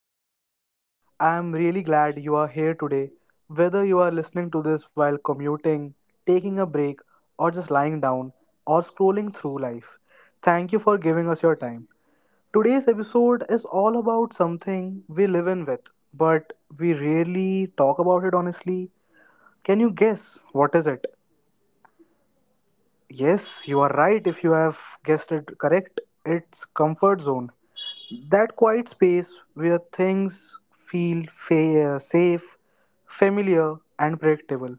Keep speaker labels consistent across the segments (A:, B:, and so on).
A: podcast. I am really glad you are here today. Whether you are listening to this while commuting, taking a break, or just lying down, or scrolling through life, thank you for giving us your time. Today's episode is all about something we live in with, but we rarely talk about it honestly. Can you guess what is it? Yes, you are right if you have guessed it correct. It's comfort zone. That quiet space where things feel safe, familiar, and predictable,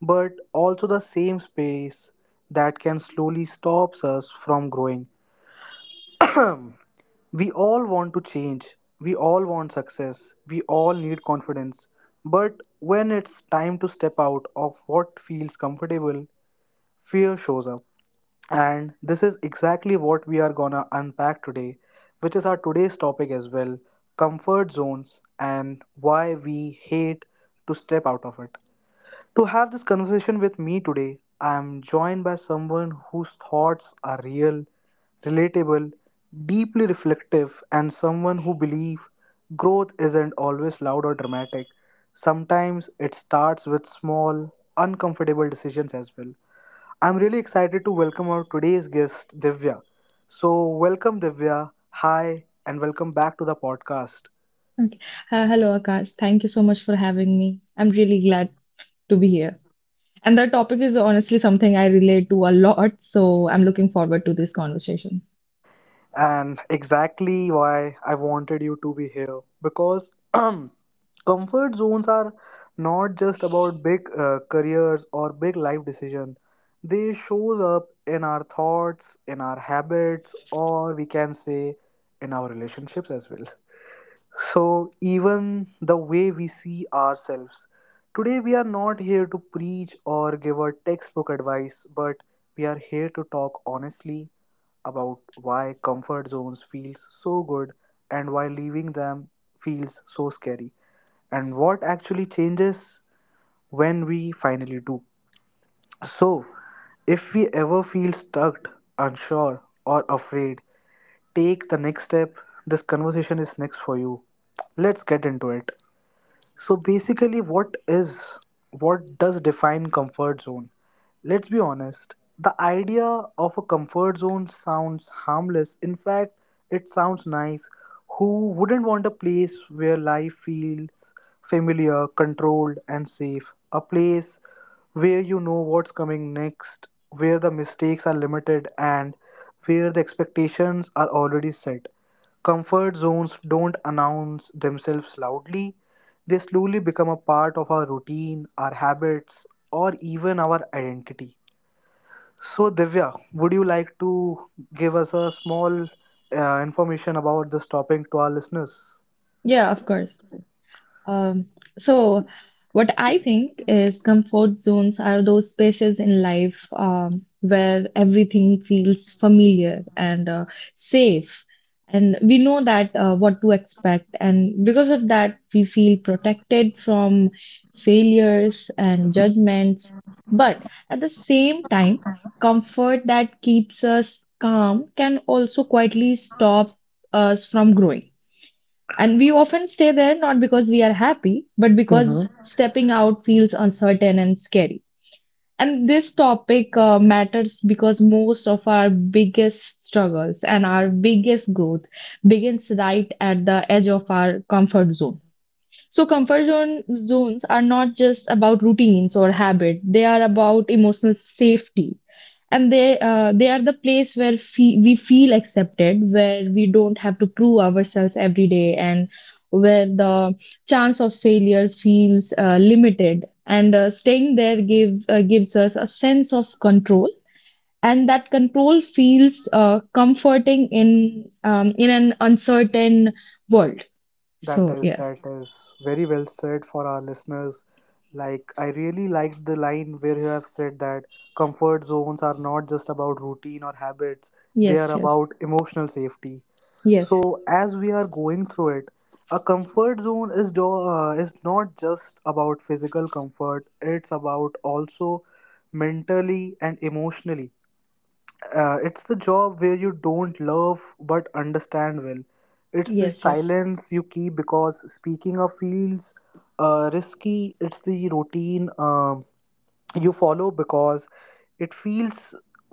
A: but also the same space that can slowly stops us from growing. Um, We all want to change. We all want success. We all need confidence. But when it's time to step out of what feels comfortable, fear shows up. And this is exactly what we are gonna unpack today, which is our today's topic as well, comfort zones and why we hate to step out of it. To have this conversation with me today, I am joined by someone whose thoughts are real, relatable, deeply reflective, and someone who believes growth isn't always loud or dramatic. Sometimes it starts with small, uncomfortable decisions as well. I'm really excited to welcome our today's guest, Divya. So, welcome, Divya. Hi, and welcome back to the podcast.
B: Okay. Hello, Akash. Thank you so much for having me. I'm really glad to be here. And the topic is honestly something I relate to a lot, so I'm looking forward to this conversation.
A: And exactly why I wanted you to be here, because comfort zones are not just about big careers or big life decision. They shows up in our thoughts, in our habits, or we can say in our relationships as well. So, even the way we see ourselves. Today, we are not here to preach or give a textbook advice, but we are here to talk honestly about why comfort zones feels so good and why leaving them feels so scary and what actually changes when we finally do. So, if we ever feel stuck, unsure, or afraid, take the next step. This conversation is next for you. Let's get into it. So basically, what does define comfort zone? Let's be honest. The idea of a comfort zone sounds harmless. In fact, it sounds nice. Who wouldn't want a place where life feels familiar, controlled, and safe? A place where you know what's coming next, where the mistakes are limited, and where the expectations are already set. Comfort zones don't announce themselves loudly, they slowly become a part of our routine, our habits, or even our identity. So, Divya, would you like to give us a small information about this topic to our listeners?
B: Yeah, of course. Um, so, what I think is comfort zones are those spaces in life where everything feels familiar and safe. And we know that what to expect. And because of that, we feel protected from failures and judgments. But at the same time, comfort that keeps us calm can also quietly stop us from growing. And we often stay there not because we are happy, but because
A: Hmm.
B: stepping out feels uncertain and scary. And this topic matters because most of our biggest struggles and our biggest growth begins right at the edge of our comfort zone. So, comfort zone zones are not just about routines or habit, they are about emotional safety, and they are the place where we feel accepted, where we don't have to prove ourselves every day, and where the chance of failure feels limited, and staying there gives us a sense of control, and that control feels comforting in an uncertain world,
A: That
B: so
A: is
B: yeah.
A: that is very well said for our listeners. Like I really liked the line where you have said that comfort zones are not just about routine or habits, they are
B: Yes, yes,
A: about emotional safety.
B: yes,
A: So as we are going through it, a comfort zone is not just about physical comfort. It's about also mentally and emotionally. It's the job where you don't love but understand well. It's the
B: yes, yes.
A: silence you keep because speaking of feels risky. It's the routine you follow because it feels,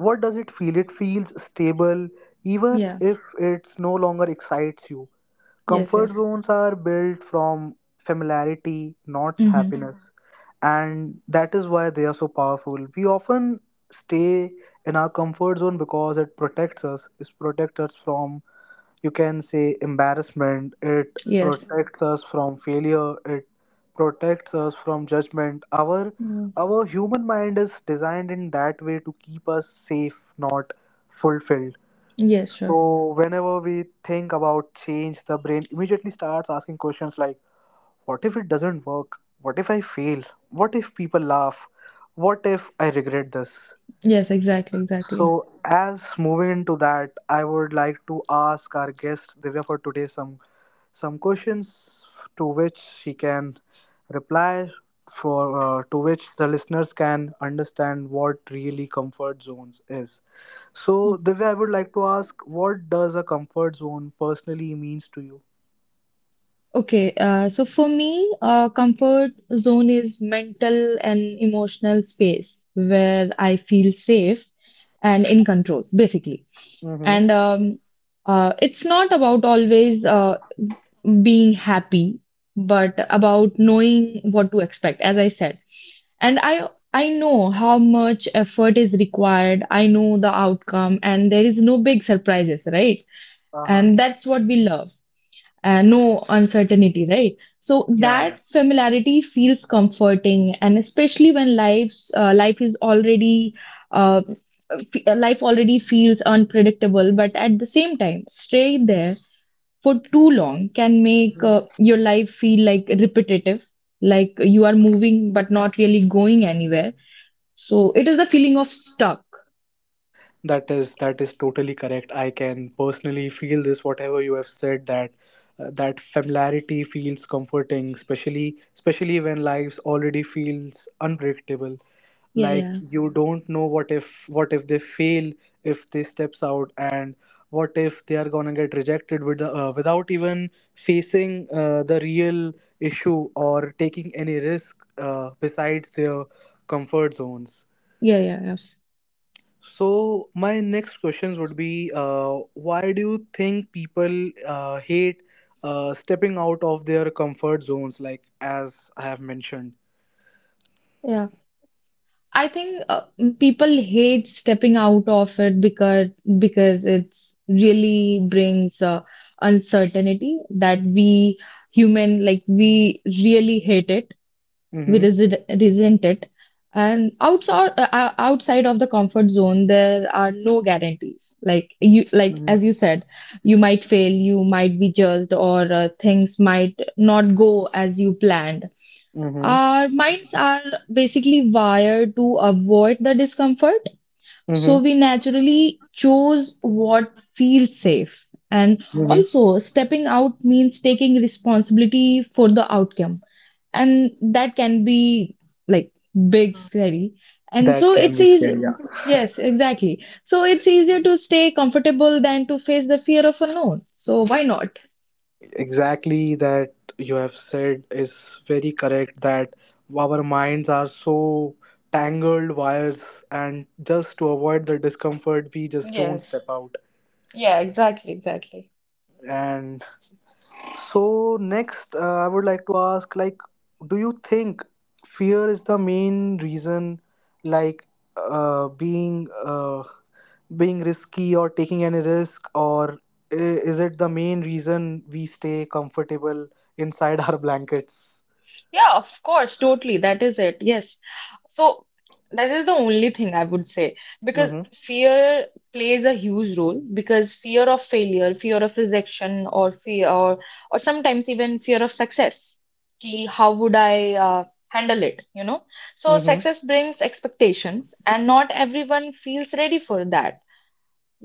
A: what does it feel, it feels stable, even
B: Yeah.
A: if it's no longer excites you.
B: Yes,
A: Comfort
B: yes.
A: zones are built from familiarity, not
B: Mm-hmm.
A: happiness, and that is why they are so powerful. We often stay in our comfort zone because it protects us from, you can say, embarrassment. It
B: Yes.
A: protects us from failure. It protects us from judgment. our
B: Yeah.
A: our human mind is designed in that way to keep us safe, not fulfilled.
B: Yes, sure.
A: So whenever we think about change, the brain immediately starts asking questions like, what if it doesn't work? What if I fail? What if people laugh? What if I regret this?
B: Yes, exactly,
A: So,
B: exactly.
A: as moving into that, I would like to ask our guest Divya for today some questions to which she can reply, for to which the listeners can understand what really comfort zones is. So,
B: Yeah.
A: Divya, I would like to ask, what does a comfort zone personally means to you?
B: Okay, so for me, comfort zone is mental and emotional space where I feel safe and in control, basically.
A: Mm-hmm.
B: And it's not about always being happy, but about knowing what to expect, as I said. And I know how much effort is required. I know the outcome, and there is no big surprises, right? And
A: Uh-huh.
B: that's what we love. Uh, no uncertainty, right? So
A: Yeah, yeah.
B: that familiarity feels comforting, and especially when life is already uh, life already feels unpredictable, but at the same time, staying there for too long can make your life feel like repetitive, like you are moving but not really going anywhere. So it is the feeling of stuck.
A: That is totally correct. I can personally feel this, whatever you have said, that familiarity feels comforting, especially when lives already feels unpredictable,
B: Yeah,
A: like
B: yeah,
A: you don't know. What if they fail, if they steps out, and what if they are gonna get rejected without even facing the real issue or taking any risk besides their comfort zones.
B: yeah, yeah.
A: So my next questions would be, why do you think people hate stepping out of their comfort zones, like as I have mentioned?
B: Yes. I think people hate stepping out of it because it's really brings uncertainty that we human like we really hate it. We
A: Mm-hmm.
B: resent it, and outside of the comfort zone, there are no guarantees. Like you like
A: Mm-hmm.
B: as you said, you might fail, you might be judged, or things might not go as you planned.
A: Mm-hmm.
B: Our minds are basically wired to avoid the discomfort, so we
A: Mm-hmm.
B: naturally choose what feels safe. And
A: Mm-hmm.
B: also, stepping out means taking responsibility for the outcome, and that can be like big, scary. And
A: That
B: so,
A: can
B: it's
A: be scary.
B: easy.
A: Yeah.
B: Yes, exactly. So, it's easier to stay comfortable than to face the fear of unknown. So, why not?
A: Exactly, that you have said is very correct, that our minds are so tangled wires, and just to avoid the discomfort we just don't
B: Yes.
A: step out.
B: Yeah, exactly, exactly.
A: And so next, I would like to ask, like, do you think fear is the main reason, like, uh, being uh, being risky or taking any risk, or is it the main reason we stay comfortable inside our blankets?
B: Yeah, of course, totally. That is it. Yes. So that is the only thing I would say because
A: Mm-hmm.
B: fear plays a huge role because fear of failure, fear of rejection, or sometimes even fear of success. Ki, how would I handle it? You know? So
A: Mm-hmm.
B: success brings expectations, and not everyone feels ready for that.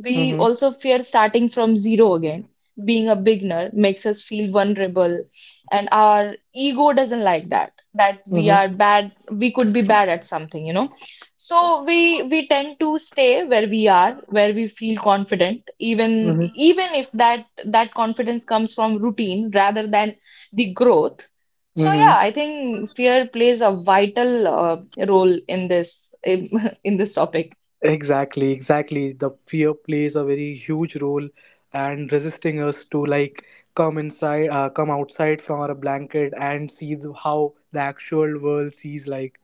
B: We
A: Mm-hmm.
B: also fear starting from zero again. Being a beginner makes us feel vulnerable, and our ego doesn't like that, that we are
A: Mm-hmm.
B: bad, we could be bad at something, you know. So we tend to stay where we are, where we feel confident, even
A: Mm-hmm.
B: even if that confidence comes from routine rather than the growth. So yeah,
A: Mm-hmm.
B: I think fear plays a vital role in this in this topic.
A: Exactly, exactly, the fear plays a very huge role and resisting us to, like, come outside from our blanket and see how the actual world sees, like.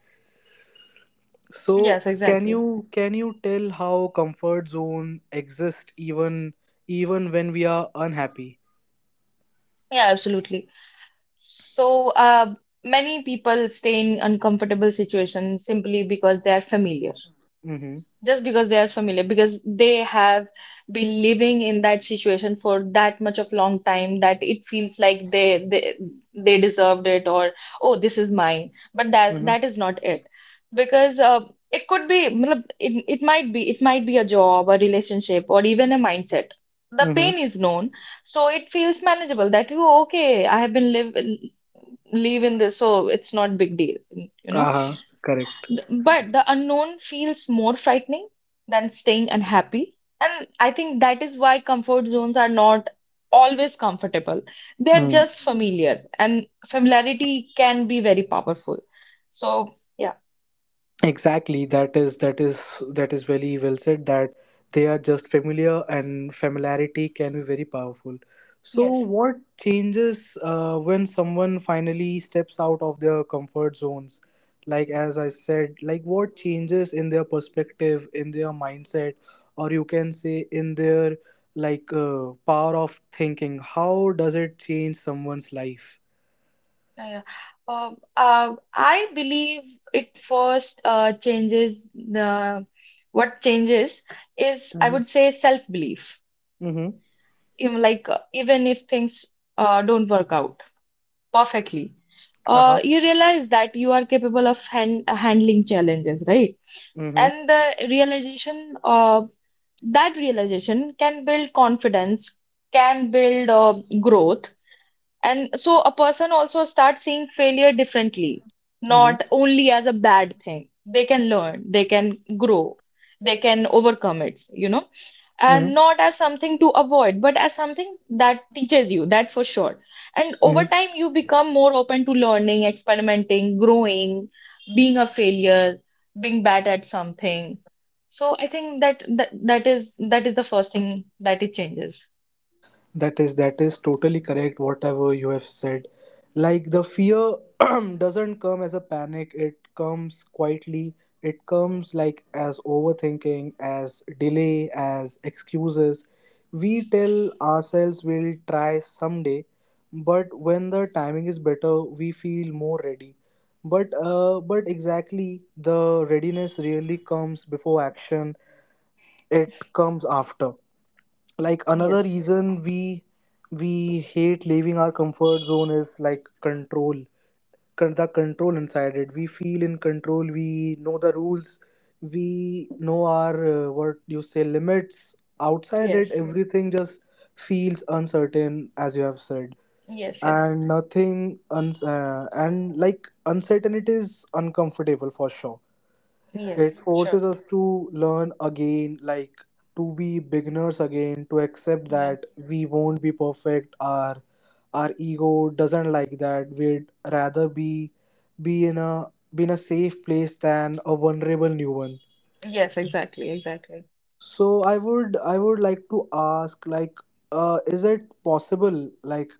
A: So
B: Yes,
A: can
B: exactly.
A: you can you tell how comfort zone exists even when we are unhappy?
B: Yeah, absolutely. So, many people stay in uncomfortable situations simply because they are familiar,
A: Mm-hmm.
B: just because they are familiar because they have been living in that situation for that much of long time that it feels like they deserved it, or oh, this is mine, but that
A: Mm-hmm.
B: that is not it because it could be मतलब, it might be, it might be a job, a relationship, or even a mindset. The
A: Mm-hmm.
B: pain is known, so it feels manageable that you okay, I have been live in this, so it's not big deal, you know.
A: Uh-huh. Correct.
B: But the unknown feels more frightening than staying unhappy. And I think that is why comfort zones are not always comfortable. They're
A: Mm.
B: just familiar, and familiarity can be very powerful. So, yeah.
A: Exactly, that is very well said, that they are just familiar and familiarity can be very powerful. So
B: Yes.
A: what changes when someone finally steps out of their comfort zones? Like as I said, like what changes in their perspective, in their mindset, or you can say in their, like, power of thinking? How does it change someone's life?
B: Yeah, yeah. I believe it first changes the what changes is, I
A: Mm-hmm.
B: would say, self-belief.
A: Mm-hmm.
B: Even like even if things don't work out perfectly.
A: Uh-huh.
B: You realize that you are capable of handling challenges, right?
A: Mm-hmm.
B: And that realization can build confidence, can build growth. And so a person also starts seeing failure differently,
A: Mm-hmm.
B: not only as a bad thing. They can learn, they can grow, they can overcome it, you know? And
A: Mm-hmm.
B: not as something to avoid, but as something that teaches you, that for sure. And over time, you become more open to learning, experimenting, growing, being a failure, being bad at something. So I think that that is that is the first thing that it changes.
A: That is totally correct, whatever you have said. Like the fear doesn't come as a panic, it comes quietly. It comes like as overthinking, as delay, as excuses. We tell ourselves we'll try someday, but when the timing is better, we feel more ready. But but exactly, the readiness really comes before action. It comes after, like, another
B: Yes,
A: reason we hate leaving our comfort zone is, like, control, the control inside it. We feel in control, we know the rules, we know our, what you say, limits. Outside it
B: yes,
A: everything just feels uncertain, as you have said.
B: yes, yes,
A: And nothing uns- uh, and like uncertainty is uncomfortable, for sure.
B: yes,
A: It
B: sure.
A: forces us to learn again, like to be beginners again, to accept
B: Yeah,
A: that we won't be perfect. Our ego doesn't like that. We'd rather be in a safe place than a vulnerable new one.
B: yes, exactly, exactly.
A: So I would like to ask, like, is it possible like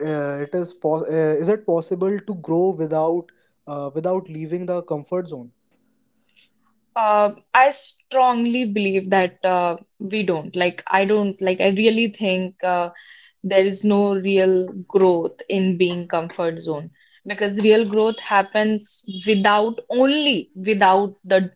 A: it is po- is it possible to grow without without leaving the comfort zone?
B: I strongly believe that we don't. Like, I don't, like, I really think. There is no real growth in being comfort zone because real growth happens without only without the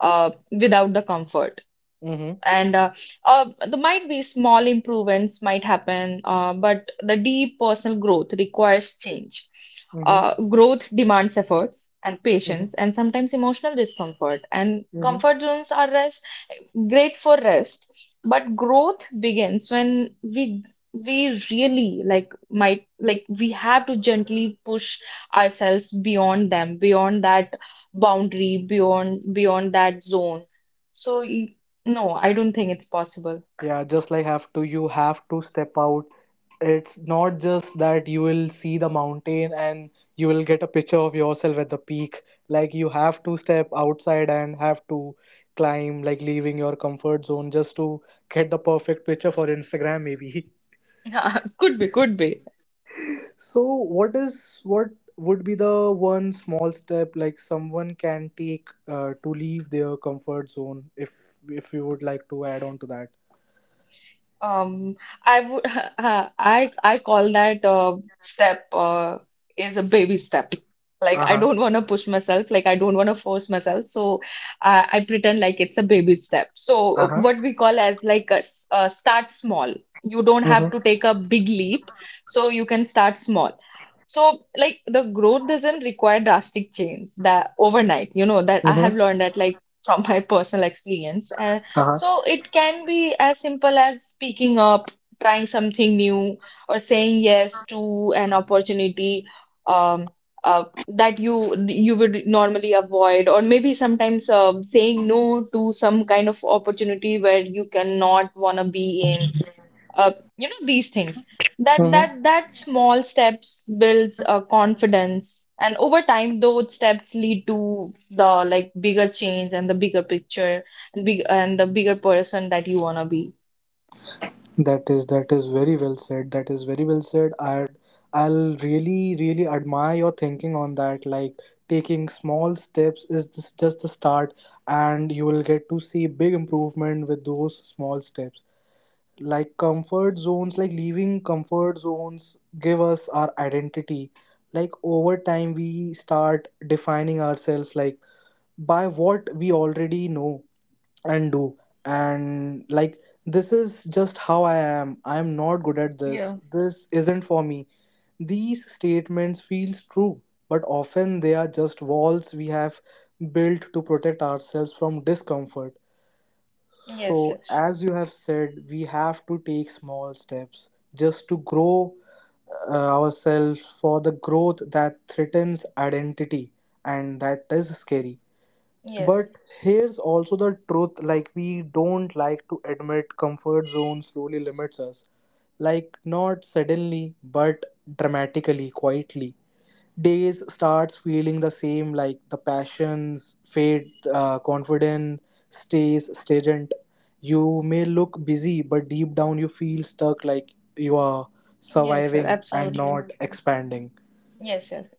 B: without the comfort.
A: Mm-hmm.
B: And there might be small improvements might happen but the deep personal growth requires change.
A: Mm-hmm.
B: Uh, growth demands efforts and patience and sometimes emotional discomfort, and
A: Mm-hmm.
B: comfort zones are rest great for rest, but growth begins when we really like might like we have to gently push ourselves beyond them, beyond that boundary, beyond that zone. so y- no, I don't think it's possible.
A: Yeah, just like, have to you have to step out. It's not just that you will see the mountain and you will get a picture of yourself at the peak. Like you have to step outside and have to climb, like leaving your comfort zone just to get the perfect picture for Instagram maybe.
B: Could be, could be.
A: So what would be the one small step like someone can take to leave their comfort zone, if you would like to add on to that?
B: Um, I would I call that step is a baby step. Like I
A: Uh-huh.
B: don't want to push myself, like I don't want to force myself, so I pretend like it's a baby step. So
A: Uh-huh.
B: what we call as like start small. You don't have
A: Mm-hmm.
B: to take a big leap, so you can start small. So like the growth doesn't require drastic change that overnight. You know that I have
A: Mm-hmm.
B: learned that like from my personal experience, so it can be as simple as speaking up, trying something new, or saying yes to an opportunity, um, that you would normally avoid, or maybe sometimes saying no to some kind of opportunity where you cannot wanna be in, uh, you know, these things that that
A: Mm-hmm.
B: that small steps builds confidence, and over time those steps lead to the like bigger change and the bigger picture and big and the bigger person that you want to be.
A: That is very well said. That is very well said. I'll really really admire your thinking on that. Like taking small steps is just the start, and you will get to see big improvement with those small steps. Like comfort zones, like leaving comfort zones, give us our identity. Like over time, we start defining ourselves, like, by what we already know and do, and like, this is just how I am. I am not good at this,
B: Yeah.
A: this isn't for me, these statements feels true, but often they are just walls we have built to protect ourselves from discomfort.
B: Yes,
A: So
B: yes.
A: as you have said, we have to take small steps just to grow ourselves, for the growth that threatens identity, and that is scary.
B: Yes.
A: But here's also the truth, like, we don't like to admit comfort zone slowly limits us. Like, not suddenly, but dramatically, quietly. Days starts feeling the same, like the passions fade, confidence stays stagnant. You may look busy, but deep down you feel stuck, like you are
B: Yes, sir.
A: surviving and
B: Absolutely.
A: not expanding.
B: Yes, yes.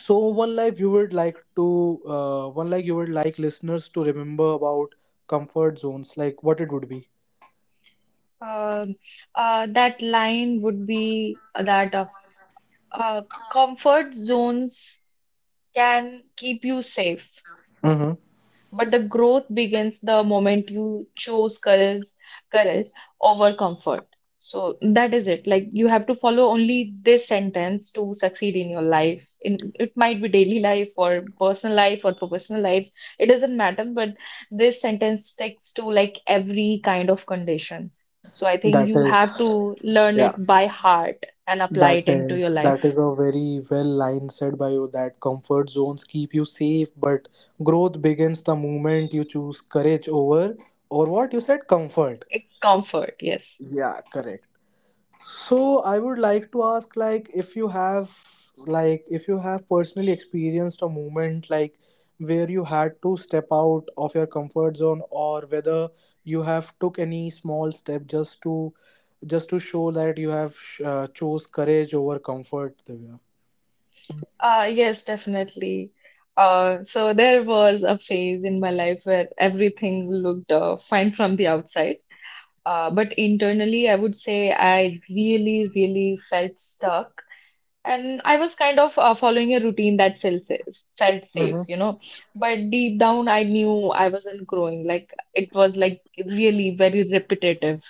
A: So one, like, you would like listeners to remember about comfort zones, like what it would be?
B: Um that line would be that uh, comfort zones can keep you safe,
A: Mm-hmm.
B: but the growth begins the moment you chose courage, courage over comfort. So that is it. Like you have to follow only this sentence to succeed in your life. In it might be daily life or personal life or professional life. It doesn't matter, but this sentence sticks to like every kind of condition. So I think
A: that
B: you have
A: is
B: to learn
A: Yeah.
B: it by heart and apply
A: that
B: it into your
A: is that
B: life.
A: is a very well line said by you that comfort zones keep you safe, but growth begins the moment you choose courage over, or what you said, comfort.
B: Comfort, yes.
A: Yeah. Correct. So I would like to ask, like, if you have, like if you have personally experienced a moment, like where you had to step out of your comfort zone, or whether you have took any small step just to show that you have chose courage over comfort, Divya.
B: Yes, definitely. So there was a phase in my life where everything looked fine from the outside. But internally, I would say I really, really felt stuck. And I was kind of following a routine that felt felt safe, you
A: Mm-hmm.
B: know. But deep down, I knew I wasn't growing. Like it was like really very repetitive.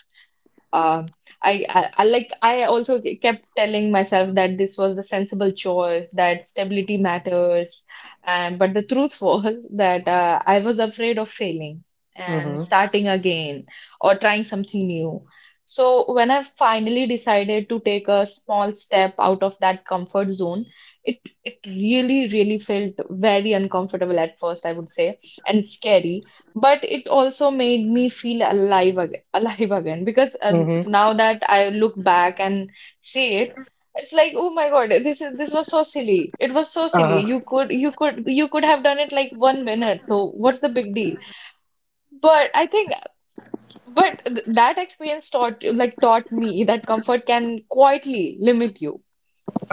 B: Um, I like I also kept telling myself that this was the sensible choice, that stability matters. And but the truth was that I was afraid of failing and
A: Mm-hmm.
B: starting again or trying something new. So when I finally decided to take a small step out of that comfort zone, it it really, really felt very uncomfortable at first, I would say, and scary, but it also made me feel alive again because
A: Mm-hmm.
B: now that I look back and see it, it's like, oh my God, this was so silly. It was so silly.
A: Uh-huh.
B: You could you could you could have done it like 1 minute. So what's the big deal? But I think, that experience taught me that comfort can quietly limit you.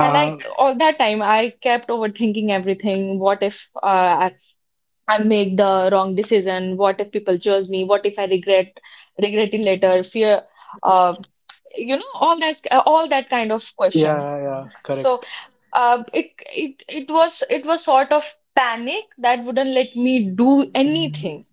B: And I, all that time, I kept overthinking everything. What if I make the wrong decision? What if people judge me? What if I regret it later? Fear. Uh, you know, all that, all that kind of
A: Yeah,
B: questions.
A: yeah, yeah.
B: So
A: Correct.
B: it was, it was sort of panic that wouldn't let me do anything.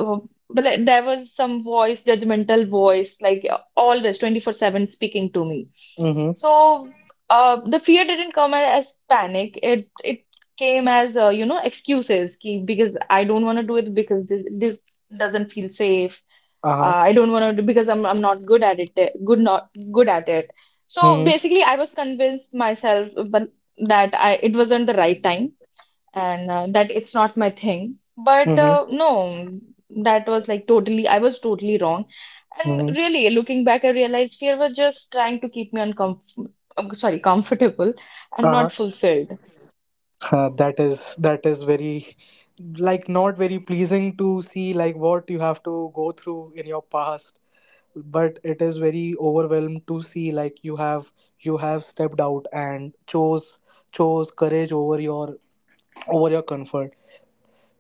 B: Uh, but like, there was some voice, judgmental voice, like always 24/7 speaking to me.
A: Mm-hmm.
B: So the fear didn't come as panic, it came as you know, excuses ki, because I don't want to do it because this doesn't feel safe,
A: Uh-huh.
B: I don't want to because I'm not good at it. Eh, Good not good at it. So
A: Mm-hmm.
B: basically, I was convinced myself, but that I it wasn't the right time and that it's not my thing. But
A: Mm-hmm.
B: no, that was like totally. I was totally wrong. And
A: Mm-hmm.
B: really, looking back, I realized fear was just trying to keep me uncomfortable. Sorry, comfortable and
A: Uh-huh.
B: not fulfilled.
A: That is very, like not very pleasing to see, like what you have to go through in your past, but it is very overwhelmed to see, like you have, you have stepped out and chose courage over your, over your comfort.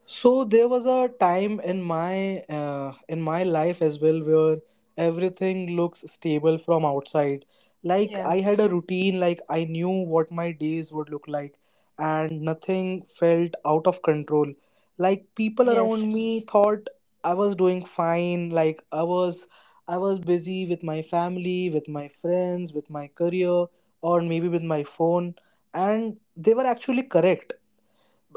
A: So there was a time in my life as well where everything looks stable from outside. Like
B: Yeah.
A: I had a routine, like I knew what my days would look like, and nothing felt out of control. Like people
B: Yes.
A: around me thought I was doing fine, like I was busy with my family, with my friends, with my career, or maybe with my phone, and they were actually correct,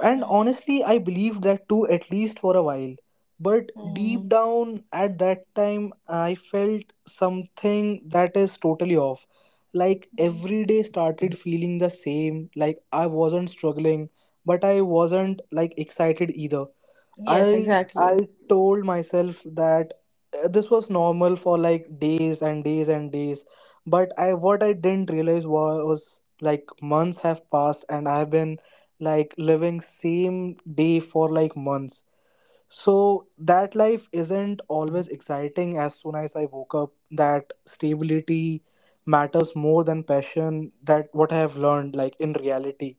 A: and
B: Mm,
A: honestly, I believed that too, at least for a while. But
B: mhm,
A: deep down at that time, I felt something that is totally off. Like
B: mhm.
A: every day started feeling the same, like I wasn't struggling, but I wasn't like excited either.
B: Yes.
A: I
B: Exactly.
A: I told myself that this was normal for like days and days and days, but I, what I didn't realize was like months have passed and I've been like living same day for like months. So that life isn't always exciting. As soon as I woke up, that stability matters more than passion. That what I have learned like in reality.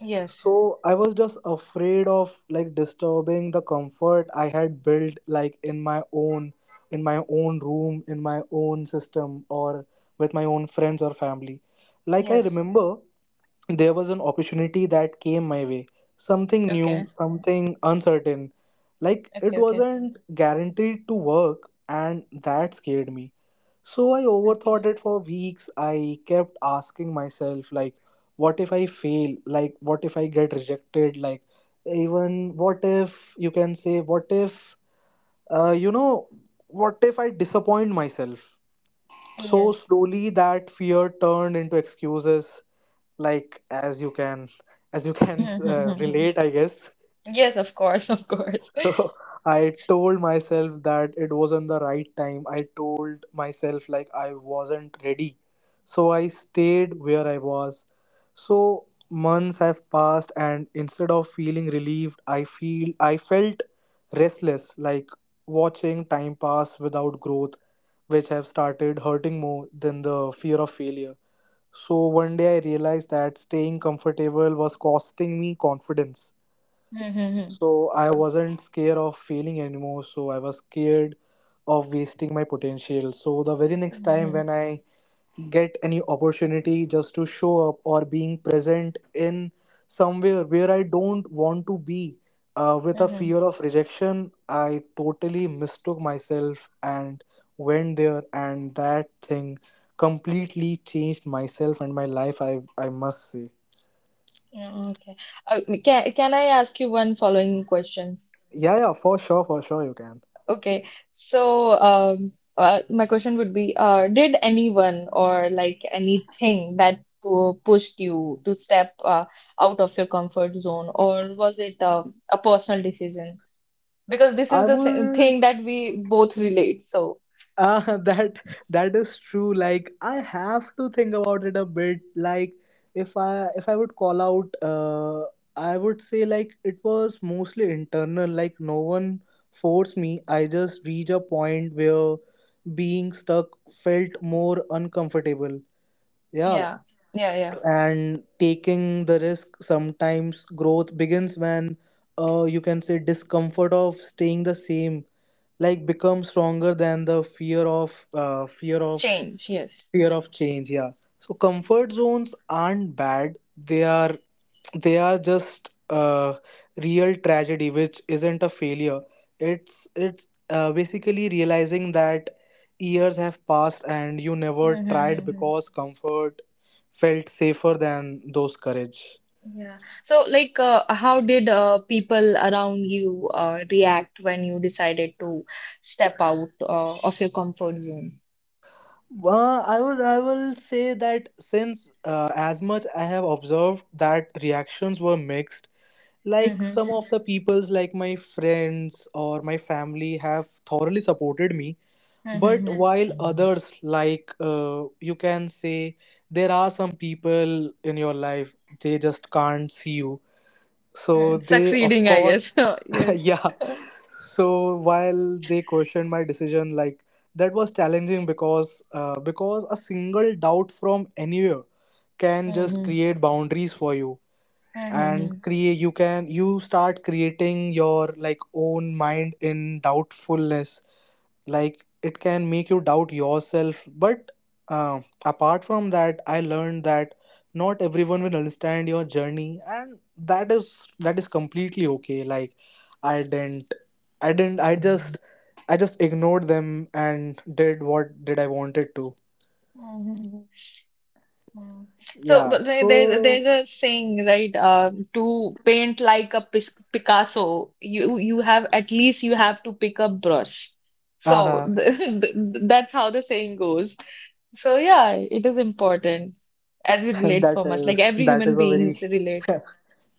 B: Yes. Yes.
A: So I was just afraid of like disturbing the comfort I had built, like in my own, in my own room, in my own system, or with my own friends or family. Like I
B: Yes.
A: remember there was an opportunity that came my way, something new,
B: Okay.
A: something uncertain. Like it
B: Okay. Okay.
A: wasn't guaranteed to work, and that scared me. So I overthought
B: Okay.
A: it for weeks. I kept asking myself, like, what if I fail? Like, what if I get rejected? Like, even what if, you can say, what if, you know, what if I disappoint myself? So
B: Yes.
A: slowly that fear turned into excuses, like, as you can relate, I guess.
B: Mm-hmm. Yes, of course, of course.
A: So I told myself that it wasn't the right time. I told myself like I wasn't ready. So I stayed where I was. So months have passed, and instead of feeling relieved, I felt restless, like watching time pass without growth, which have started hurting more than the fear of failure. So one day I realized that staying comfortable was costing me confidence.
B: Mm-hmm.
A: So
B: Of
A: I
B: course.
A: wasn't scared of failing anymore. So I was scared of wasting my potential. So the very next time
B: Mm-hmm.
A: when I get any opportunity just to show up or being present in somewhere where I don't want to be, with a
B: Mm-hmm.
A: fear of rejection, I totally mistook myself and went there, and that thing completely changed myself and my life. I must say,
B: Okay. Can I ask you one following questions?
A: yeah, yeah, for sure, you can.
B: Okay. So, my question would be, did anyone or like anything that pushed you to step out of your comfort zone, or was it a personal decision? Because this is
A: I
B: the
A: would
B: thing that we both relate. So,
A: That that is true. Like I have to think about it a bit. Like if I would call out, I would say like it was mostly internal. Like no one forced me. I just reached a point where being stuck felt more uncomfortable. Yeah,
B: yeah, yeah.
A: and taking the risk, sometimes growth begins when, you can say discomfort of staying the same like become stronger than the fear of
B: Change, yes.
A: fear of change. Yeah. So comfort zones aren't bad, they are, they are just real tragedy, which isn't a failure. It's basically realizing that years have passed and you never tried
B: Mm-hmm.
A: because comfort felt safer than those courage.
B: Yeah. So, like, how did people around you react when you decided to step out of your comfort zone?
A: Well, I would, I will say that since as much I have observed that reactions were mixed. Like
B: Mm-hmm.
A: some of the peoples, like my friends or my family have thoroughly supported me, but
B: Mm-hmm.
A: while others, like you can say, there are some people in your life, they just can't see you. So they, of
B: Succeeding, I guess.
A: course,
B: Yes.
A: yeah. So while they questioned my decision, like that was challenging, because because a single doubt from anywhere can just
B: Mm-hmm.
A: create boundaries for you and create, you can, you start creating your like own mind in doubtfulness. Like it can make you doubt yourself. But apart from that, I learned that not everyone will understand your journey, and that is, that is completely okay. Like i didn't i didn't i just ignored them and did what did I wanted to.
B: Mm-hmm. Mm. So,
A: Yeah.
B: but there, there,
A: So
B: there's a saying, right? To paint like a Pis Picasso, you have at least you have to pick up brush. So
A: uh-huh,
B: that's how the saying goes. So yeah, it is important as we relate
A: that
B: so much. Like
A: is
B: every
A: that
B: human
A: is a
B: beings
A: very
B: relate.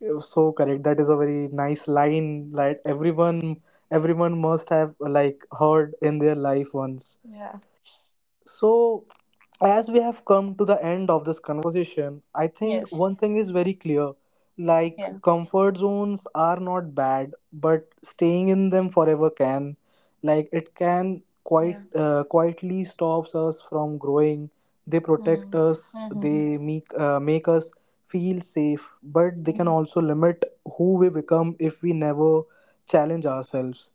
A: you're so correct. That is a very nice line that everyone, everyone must have like heard in their life once.
B: Yeah.
A: So as we have come to the end of this conversation, I think
B: Yes.
A: one thing is very clear. Like,
B: Yeah.
A: comfort zones are not bad, but staying in them forever can. Like, it can quite,
B: Yeah.
A: quietly stops us from growing. They protect
B: Mm.
A: us,
B: Mm-hmm.
A: they make, make us feel safe, but they can
B: Mm.
A: also limit who we become if we never challenge ourselves.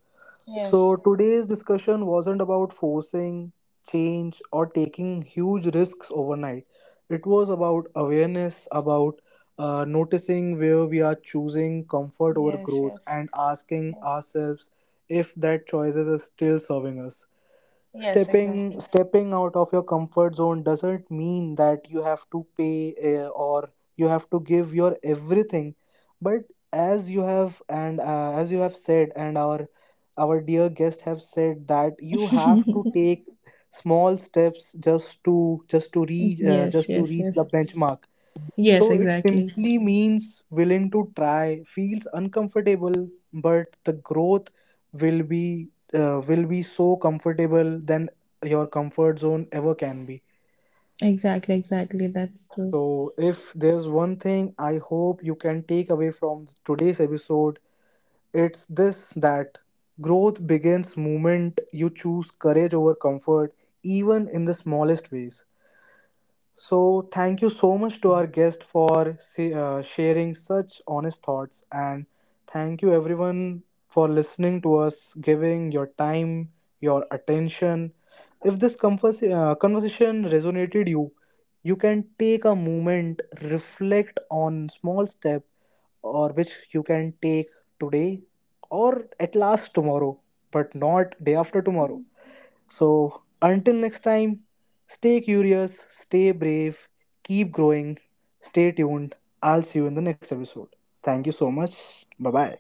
A: So,
B: Yes.
A: today's discussion wasn't about forcing change or taking huge risks overnight. It was about awareness, about noticing where we are choosing comfort over
B: Yes.
A: growth,
B: Yes.
A: and asking
B: Yes.
A: ourselves if that choice is still serving us.
B: Yes.
A: stepping
B: Exactly.
A: stepping out of your comfort zone doesn't mean that you have to pay or you have to give your everything, but as you have and as you have said, and our dear guest have said, that you have to take small steps just to,
B: Yes.
A: just to
B: Yes.
A: reach
B: Yes.
A: the benchmark.
B: Yes.
A: So it
B: Exactly.
A: simply means willing to try, feels uncomfortable, but the growth will be, will be so comfortable than your comfort zone ever can be.
B: Exactly, exactly. That's true.
A: So if there's one thing I hope you can take away from today's episode, it's this, that growth begins moment you choose courage over comfort, even in the smallest ways. So, thank you so much to our guest for sharing such honest thoughts. And thank you, everyone, for listening to us, giving your time, your attention. If this conversation resonated you, you can take a moment, reflect on small step or which you can take today, or at last tomorrow, but not day after tomorrow. So, until next time, stay curious, stay brave, keep growing, stay tuned. I'll see you in the next episode. Thank you so much. Bye bye.